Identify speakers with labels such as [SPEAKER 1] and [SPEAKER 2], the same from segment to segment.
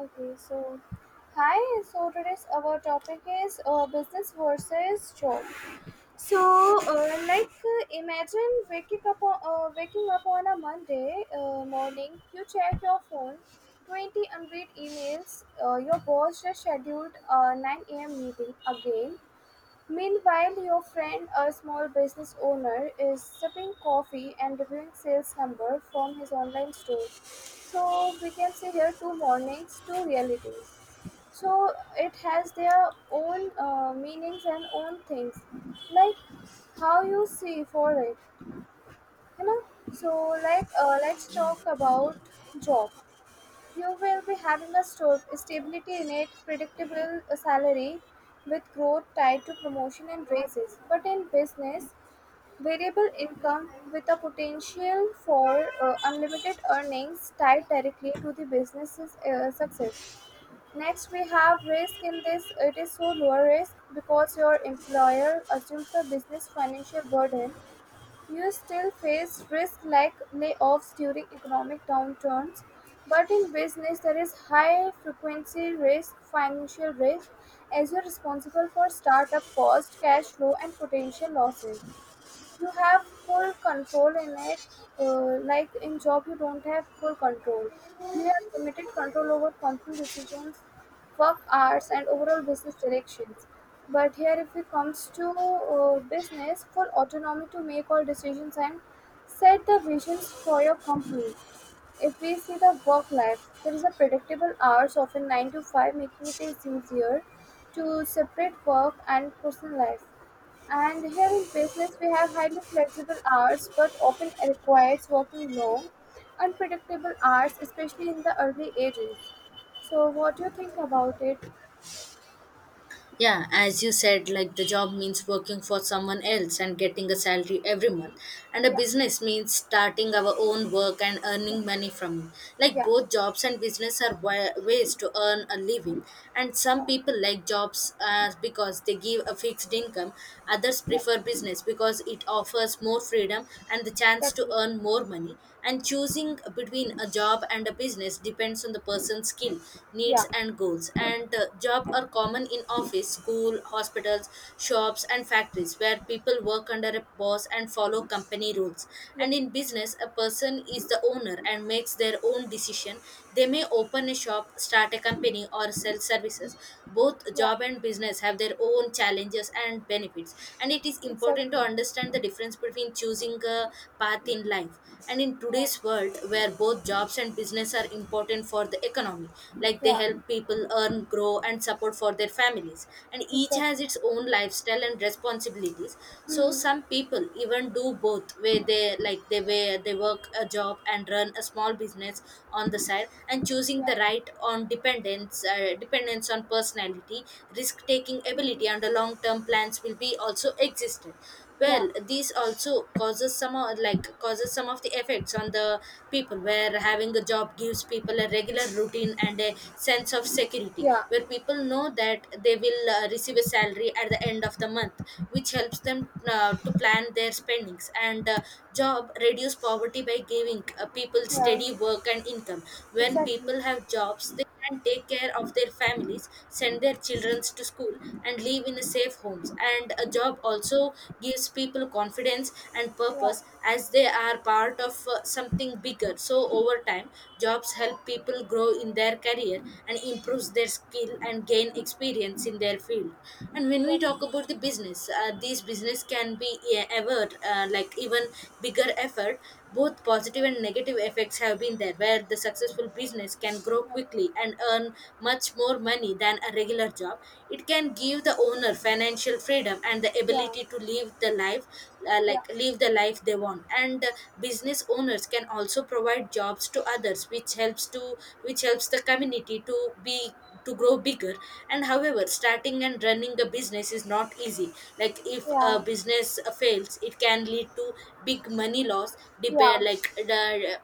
[SPEAKER 1] Okay, so hi. So today's our topic is business versus job. So, like, imagine waking up on a Monday morning. You check your phone, 20 unread emails. Your boss just scheduled a 9 a.m. meeting again. Meanwhile, your friend, a small business owner, is sipping coffee and reviewing sales number from his online store. So we can see here two mornings, two realities. So it has their own meanings and own things, like how you see for it, you know. So, like, let's talk about job. You will be having a stability in it, predictable salary with growth tied to promotion and raises. But in business, variable income with a potential for unlimited earnings tied directly to the business's success. Next, we have risk in this. It is so low risk because your employer assumes the business financial burden. You still face risks like layoffs during economic downturns, but in business there is high frequency risk, financial risk, as you're responsible for startup cost, cash flow, and potential losses. You have full control in it. Like in job you don't have full control, you have limited control over company decisions, work hours and overall business directions. But here if it comes to business, full autonomy to make all decisions and set the visions for your company. If we see the work life, there is a predictable hours often 9 to 5, making it is easier to separate work and personal life. And here in business, we have highly flexible hours, but often requires working long, unpredictable hours, especially in the early ages. So, what do you think about it?
[SPEAKER 2] Yeah, as you said, like the job means working for someone else and getting a salary every month, and a
[SPEAKER 1] Yeah,
[SPEAKER 2] business means starting our own work and
[SPEAKER 1] yeah,
[SPEAKER 2] earning money from it. Like
[SPEAKER 1] yeah,
[SPEAKER 2] both jobs and business are ways to earn a living, and some
[SPEAKER 1] yeah,
[SPEAKER 2] people like jobs because they give a fixed income. Others
[SPEAKER 1] yeah,
[SPEAKER 2] prefer business because it offers more freedom and the chance to
[SPEAKER 1] exactly.
[SPEAKER 2] earn more money. And choosing between a job and a business depends on the person's skill, needs,
[SPEAKER 1] Yeah,
[SPEAKER 2] and goals. And job are common in office, school, hospitals, shops, and factories where people work under a boss and follow company rules.
[SPEAKER 1] yeah,
[SPEAKER 2] And in business, a person is the owner and makes their own decision. They may open a shop, start a company, or sell services. Both
[SPEAKER 1] yeah,
[SPEAKER 2] job and business have their own challenges and benefits, and it is important to
[SPEAKER 1] exactly.
[SPEAKER 2] understand the difference between choosing a path in life. And in
[SPEAKER 1] Yeah,
[SPEAKER 2] today's world where both jobs and business are important for the economy, like they
[SPEAKER 1] yeah,
[SPEAKER 2] help people earn, grow, and support for their families, and each has
[SPEAKER 1] exactly.
[SPEAKER 2] its own lifestyle and responsibilities. So
[SPEAKER 1] Mm-hmm.
[SPEAKER 2] some people even do both, where they like they where they work a job and run a small business on the side, and choosing
[SPEAKER 1] Yeah,
[SPEAKER 2] the right on dependence on personality, risk taking ability, and the
[SPEAKER 1] mm-hmm.
[SPEAKER 2] long term plans will be also existed.
[SPEAKER 1] Yeah,
[SPEAKER 2] Well, this also causes some of the effects on the people, where having a job gives people a regular routine and a sense of security,
[SPEAKER 1] yeah,
[SPEAKER 2] where people know that they will receive a salary at the end of the month, which helps them to plan their spendings. And job reduce poverty by giving people
[SPEAKER 1] yeah,
[SPEAKER 2] steady work and income. When
[SPEAKER 1] exactly.
[SPEAKER 2] people have jobs they and take care of their families, send their children to school, and live in a safe homes. And a job also gives people confidence and
[SPEAKER 1] Yeah,
[SPEAKER 2] purpose as they are part of something bigger. So, over time, jobs help people grow in their career and improves their skill and gain experience in their field. And when we
[SPEAKER 1] exactly.
[SPEAKER 2] talk about the business, these business can be yeah, ever like even bigger effort, both positive and negative effects have been there, where the successful business can grow
[SPEAKER 1] Yeah,
[SPEAKER 2] quickly and earn much more money than a regular job. It can give the owner financial freedom and the
[SPEAKER 1] yeah,
[SPEAKER 2] ability to live the life uh,
[SPEAKER 1] yeah,
[SPEAKER 2] like live the life they want. And business owners farmers can also provide jobs to others, which helps the community to grow bigger. And however, starting and running a business is not easy, like if a
[SPEAKER 1] yeah,
[SPEAKER 2] business fails it can lead to big money loss, depend
[SPEAKER 1] yeah,
[SPEAKER 2] like the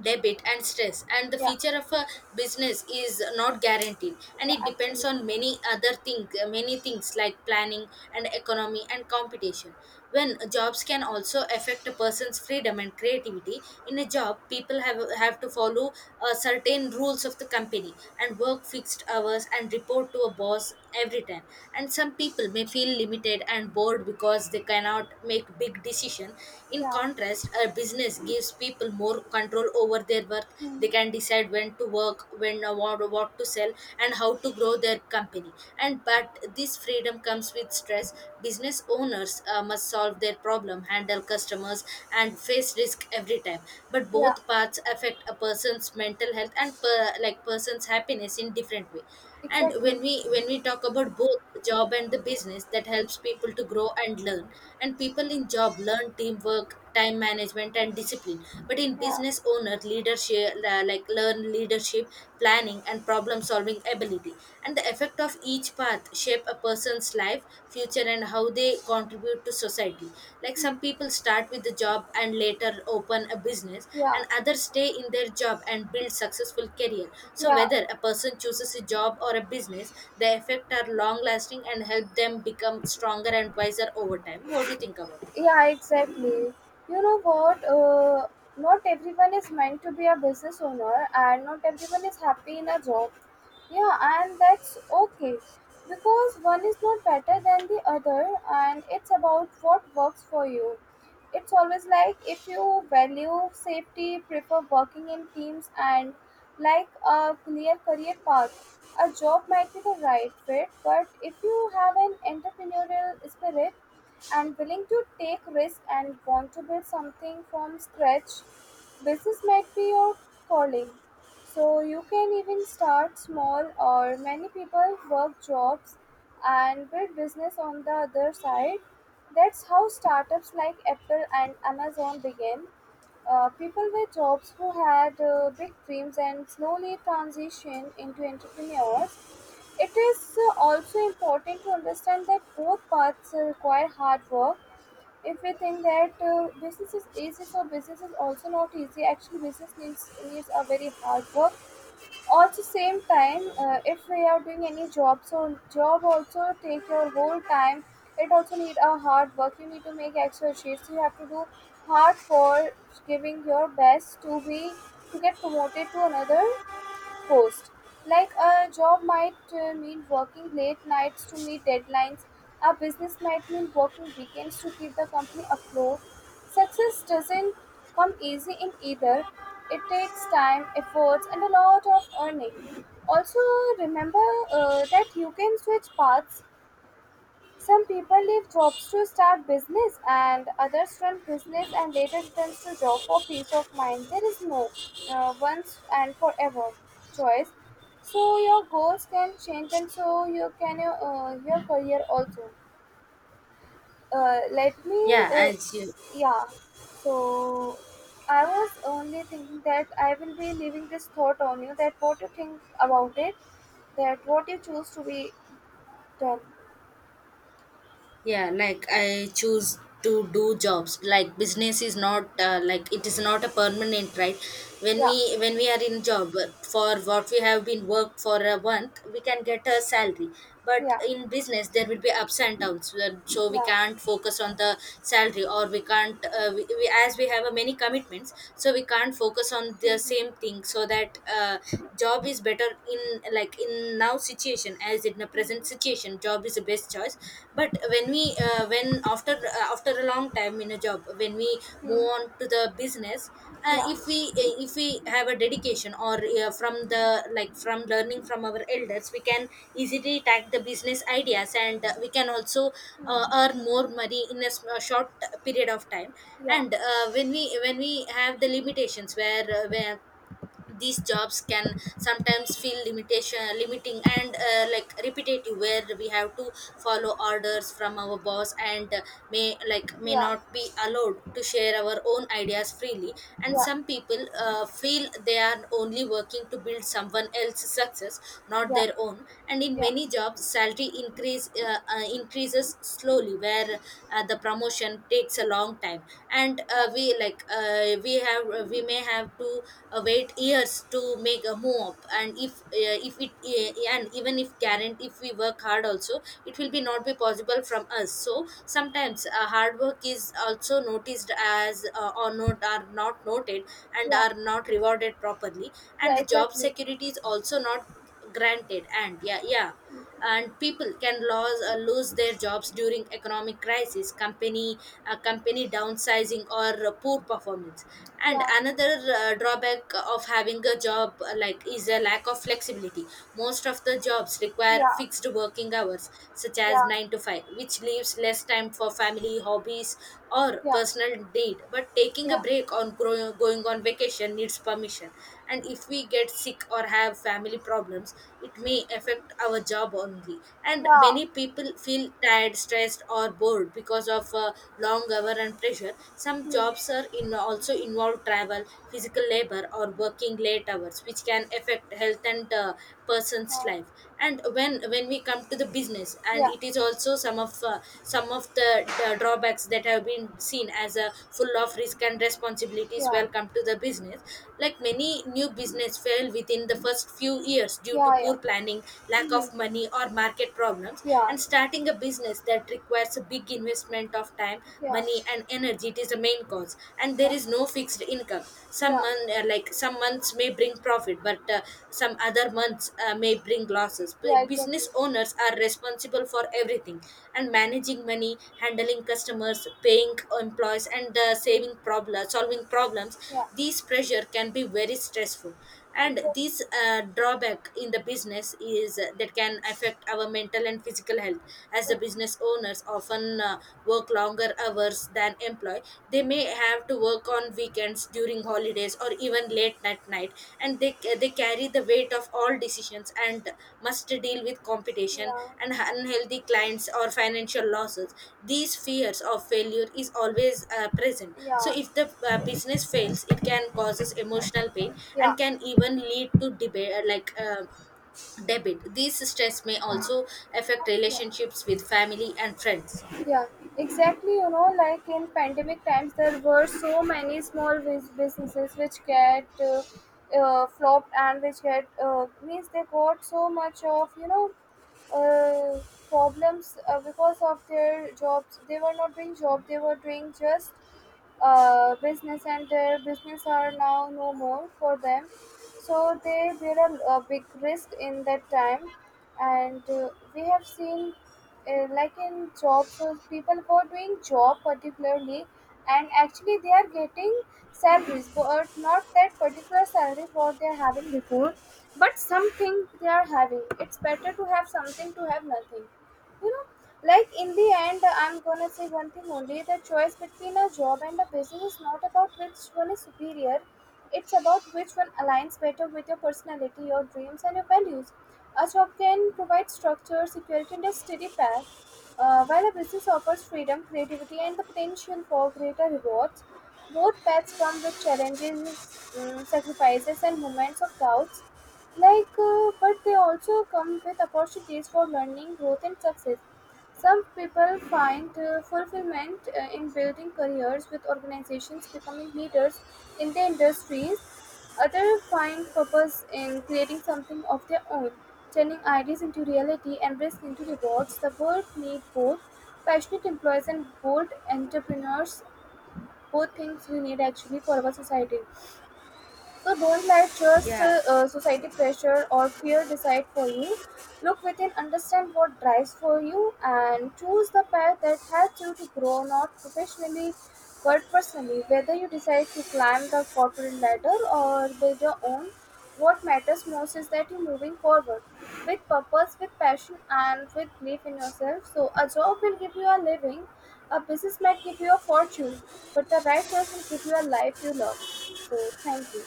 [SPEAKER 2] debit and stress, and the
[SPEAKER 1] yeah,
[SPEAKER 2] future of a business is not guaranteed and
[SPEAKER 1] yeah,
[SPEAKER 2] it depends
[SPEAKER 1] actually.
[SPEAKER 2] on many things like planning and economy and competition. When jobs can also affect a person's freedom and creativity in a job, people have to follow certain rules of the company and work fixed hours and report to a boss every time, and some people may feel limited and bored because they cannot make big decision. In
[SPEAKER 1] Yeah,
[SPEAKER 2] contrast, a business gives people more control over their work. They
[SPEAKER 1] hmm.
[SPEAKER 2] can decide when to work, what to sell, and how to grow their company. And but this freedom comes with stress. Business owners must solve their problem, handle customers, and face risk every time. But
[SPEAKER 1] Yeah.
[SPEAKER 2] both paths affect a person's mental health and person's happiness in different way. And
[SPEAKER 1] Exactly.
[SPEAKER 2] when we talk about both the job and the business that helps people to grow and learn, and people in job learn teamwork, time management, and discipline, but in
[SPEAKER 1] Yeah.
[SPEAKER 2] business owner leadership la- like learn leadership planning and problem solving ability, and the effect of each path shape a person's life future and how they contribute to society, like some
[SPEAKER 1] Mm.
[SPEAKER 2] people start with the job and later open a business,
[SPEAKER 1] Yeah.
[SPEAKER 2] and others stay in their job and build successful career. So
[SPEAKER 1] Yeah.
[SPEAKER 2] whether a person chooses a job or a business, the effect are long lasting and help them become stronger and wiser over time. What do you think about it?
[SPEAKER 1] Yeah, exactly. You know what? Not everyone is meant to be a business owner, and not everyone is happy in a job. Yeah, and that's okay because one is not better than the other, and it's about what works for you. It's always like if you value safety, prefer working in teams, and like a clear career path, a job might be the right fit. But if you have an entrepreneurial spirit, and willing to take risk and want to build something from scratch, business might be your calling. So you can even start small or many people work jobs and build business on the other side. That's how startups like Apple and Amazon began. People with jobs who had big dreams and slowly transitioned into entrepreneurs. It is also important to understand that both paths require hard work. If we think that business is easy, so business is also not easy. Actually, business needs a very hard work. Also, same time, if we are doing any job, so job also take your whole time. It also need a hard work. You need to make extra shifts. You have to do hard for giving your best to get promoted to another post. Like a job might mean working late nights to meet deadlines, a business might mean working weekends to keep the company afloat. Success doesn't come easy in either. It takes time, efforts, and a lot of earning. Also, remember that you can switch paths. Some people leave jobs to start business and others run business and later returns to job for peace of mind. There is no once and forever choice. So your goals can change and so you can your career also. Let me
[SPEAKER 2] Yeah
[SPEAKER 1] uh,
[SPEAKER 2] as you
[SPEAKER 1] yeah. So I was only thinking that I will be leaving this thought on you that what you think about it, that what you choose to be done.
[SPEAKER 2] yeah like I choose to do jobs, like business is not like it is not a permanent right. When
[SPEAKER 1] Yeah,
[SPEAKER 2] we are in job, for what we have been worked for a month we can get a salary, but
[SPEAKER 1] yeah,
[SPEAKER 2] in business there will be ups and downs, so we
[SPEAKER 1] yeah.
[SPEAKER 2] can't focus on the salary, or we can't as we have a many commitments, so we can't focus on the same
[SPEAKER 1] Hmm.
[SPEAKER 2] thing. So that job is better in, like in now situation. As in the present
[SPEAKER 1] Hmm.
[SPEAKER 2] situation, job is the best choice. But when we when after after a long time in a job, when we move
[SPEAKER 1] Mm,
[SPEAKER 2] on to the business, uh,
[SPEAKER 1] yeah,
[SPEAKER 2] if we uh, if we have a dedication, or from the like from learning from our elders we can easily tag the business ideas, and we can also
[SPEAKER 1] mm,
[SPEAKER 2] earn more money in a short period of time.
[SPEAKER 1] yeah,
[SPEAKER 2] And when we have the limitations, where where these jobs can sometimes feel limitation limiting and like repetitive, where we have to follow orders from our boss, and may
[SPEAKER 1] yeah,
[SPEAKER 2] not be allowed to share our own ideas freely, and
[SPEAKER 1] yeah,
[SPEAKER 2] some people feel they are only working to build someone else's success, not
[SPEAKER 1] yeah,
[SPEAKER 2] their own. And in
[SPEAKER 1] yeah,
[SPEAKER 2] many jobs salary increases slowly, where the promotion takes a long time, and
[SPEAKER 1] yeah,
[SPEAKER 2] we like we have we may have to wait years to make a move up. And if it and even if guarant if we work hard also it will be not be possible from us. So sometimes hard work is also noticed as or not, are not noted and
[SPEAKER 1] yeah,
[SPEAKER 2] are not rewarded properly. And
[SPEAKER 1] yeah,
[SPEAKER 2] the job
[SPEAKER 1] exactly.
[SPEAKER 2] security is also not granted. And yeah, yeah, and people can lose their jobs during economic crisis, company downsizing, or poor performance. And
[SPEAKER 1] Yeah,
[SPEAKER 2] another drawback of having a job, like is a lack of flexibility. Most of the jobs require
[SPEAKER 1] yeah,
[SPEAKER 2] fixed working hours such as
[SPEAKER 1] yeah,
[SPEAKER 2] 9 to 5, which leaves less time for family, hobbies, or
[SPEAKER 1] yeah,
[SPEAKER 2] personal need. But taking a
[SPEAKER 1] yeah,
[SPEAKER 2] break on going on vacation needs permission. And if we get sick or have family problems, it may affect our job only. And
[SPEAKER 1] yeah,
[SPEAKER 2] many people feel tired, stressed, or bored because of long hour and pressure. Some
[SPEAKER 1] mm,
[SPEAKER 2] jobs are in also involve travel, physical labor, or working late hours, which can affect health and person's
[SPEAKER 1] uh,
[SPEAKER 2] life. And when we come to the business, and
[SPEAKER 1] yeah,
[SPEAKER 2] it is also some of the drawbacks that have been seen as a full of risk and responsibilities.
[SPEAKER 1] yeah,
[SPEAKER 2] Welcome to the business, like many new business fail within the first few years due to
[SPEAKER 1] yeah, yeah,
[SPEAKER 2] poor planning, lack
[SPEAKER 1] mm,
[SPEAKER 2] of money, or market problems.
[SPEAKER 1] yeah,
[SPEAKER 2] And starting a business that requires a big investment of time,
[SPEAKER 1] yeah,
[SPEAKER 2] money, and energy, it is the main cause. And there
[SPEAKER 1] yeah,
[SPEAKER 2] is no fixed income. Some
[SPEAKER 1] yeah,
[SPEAKER 2] month, uh, like some months may bring profit, but some other months may bring losses.
[SPEAKER 1] yeah, exactly.
[SPEAKER 2] Business owners are responsible for everything, and managing money, handling customers, paying employees, and solving problems.
[SPEAKER 1] Yeah,
[SPEAKER 2] These pressure can be very stressful, and
[SPEAKER 1] exactly,
[SPEAKER 2] this drawback in the business is that can affect our mental and physical health, as the
[SPEAKER 1] exactly.
[SPEAKER 2] business owners often work longer hours than employee. They may have to work on weekends, during holidays, or even late at night, and they carry the weight of all decisions and must deal with competition
[SPEAKER 1] Yeah,
[SPEAKER 2] and unhealthy clients or financial losses. These fears of failure is always present. So
[SPEAKER 1] yeah,
[SPEAKER 2] if the business fails, it can causes emotional pain
[SPEAKER 1] yeah,
[SPEAKER 2] and can even lead to debate like uh, debit. These stress may also affect
[SPEAKER 1] yeah,
[SPEAKER 2] relationships with family and friends.
[SPEAKER 1] yeah, exactly. You know, like in pandemic times, there were so many small businesses which get flopped and which get means they got so much of uh, problems because of their jobs. They were not doing job. They were doing just business, and their business are now no more for them. So they bear a big risk in that time, and we have seen like in job search people who are doing job particularly and actually they are getting salaries but not that particular salary what they are having before but something they are having. It's better to have something to have nothing you know like in the end I'm gonna say one thing only, the choice between a job and a business is not about which one is superior. It's about which one aligns better with your personality, your dreams and your values. A job can provide structure, security, and a steady path, while a business offers freedom, creativity, and the potential for greater rewards. Both paths come with challenges, sacrifices, and moments of doubts. Like, but they also come with opportunities for learning, growth, and success. Some people find fulfillment in building careers with organizations becoming leaders in their industries. Others find purpose in creating something of their own, turning ideas into reality and risk into rewards. The world needs both passionate employees and bold entrepreneurs, both things we need actually for our society. So don't let just
[SPEAKER 2] Yeah.
[SPEAKER 1] society pressure or fear decide for you. Look within, understand what drives for you, and choose the path that helps you to grow, not professionally but personally. Whether you decide to climb the corporate ladder or build your own, what matters most is that you're moving forward with purpose, with passion, and with belief in yourself. So a job will give you a living, a business might give you a fortune, but the right choice will give you a life you love. So thank you.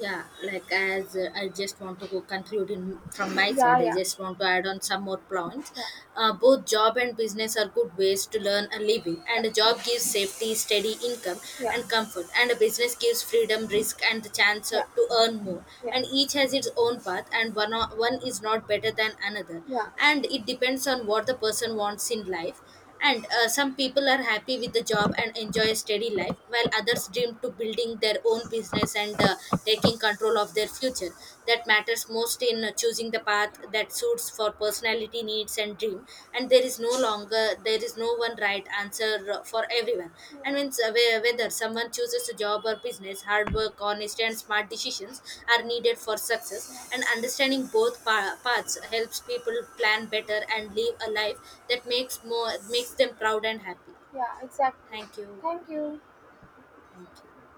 [SPEAKER 2] Yeah, like as I just want to go conclude in, from my
[SPEAKER 1] Yeah,
[SPEAKER 2] side, I
[SPEAKER 1] yeah,
[SPEAKER 2] just want to add on some more points.
[SPEAKER 1] yeah,
[SPEAKER 2] Both job and business are good ways to learn a living,
[SPEAKER 1] yeah,
[SPEAKER 2] and a job gives safety, steady income,
[SPEAKER 1] yeah,
[SPEAKER 2] and comfort, and a business gives freedom, risk, and the chance
[SPEAKER 1] yeah,
[SPEAKER 2] to earn more.
[SPEAKER 1] yeah,
[SPEAKER 2] And each has its own path, and one is not better than another,
[SPEAKER 1] yeah,
[SPEAKER 2] and it depends on what the person wants in life. And some people are happy with the job and enjoy a steady life, while others dream to building their own business and taking control of their future. That matters most in choosing the path that suits for personality, needs, and dream. And there is no one right answer for everyone. And when whether someone chooses a job or business, hard work, honesty, and smart decisions are needed for success. And
[SPEAKER 1] yeah,
[SPEAKER 2] understanding both paths helps people plan better and live a life that makes them proud and happy.
[SPEAKER 1] yeah, exactly.
[SPEAKER 2] Thank you.
[SPEAKER 1] Thank you.
[SPEAKER 2] Thank you.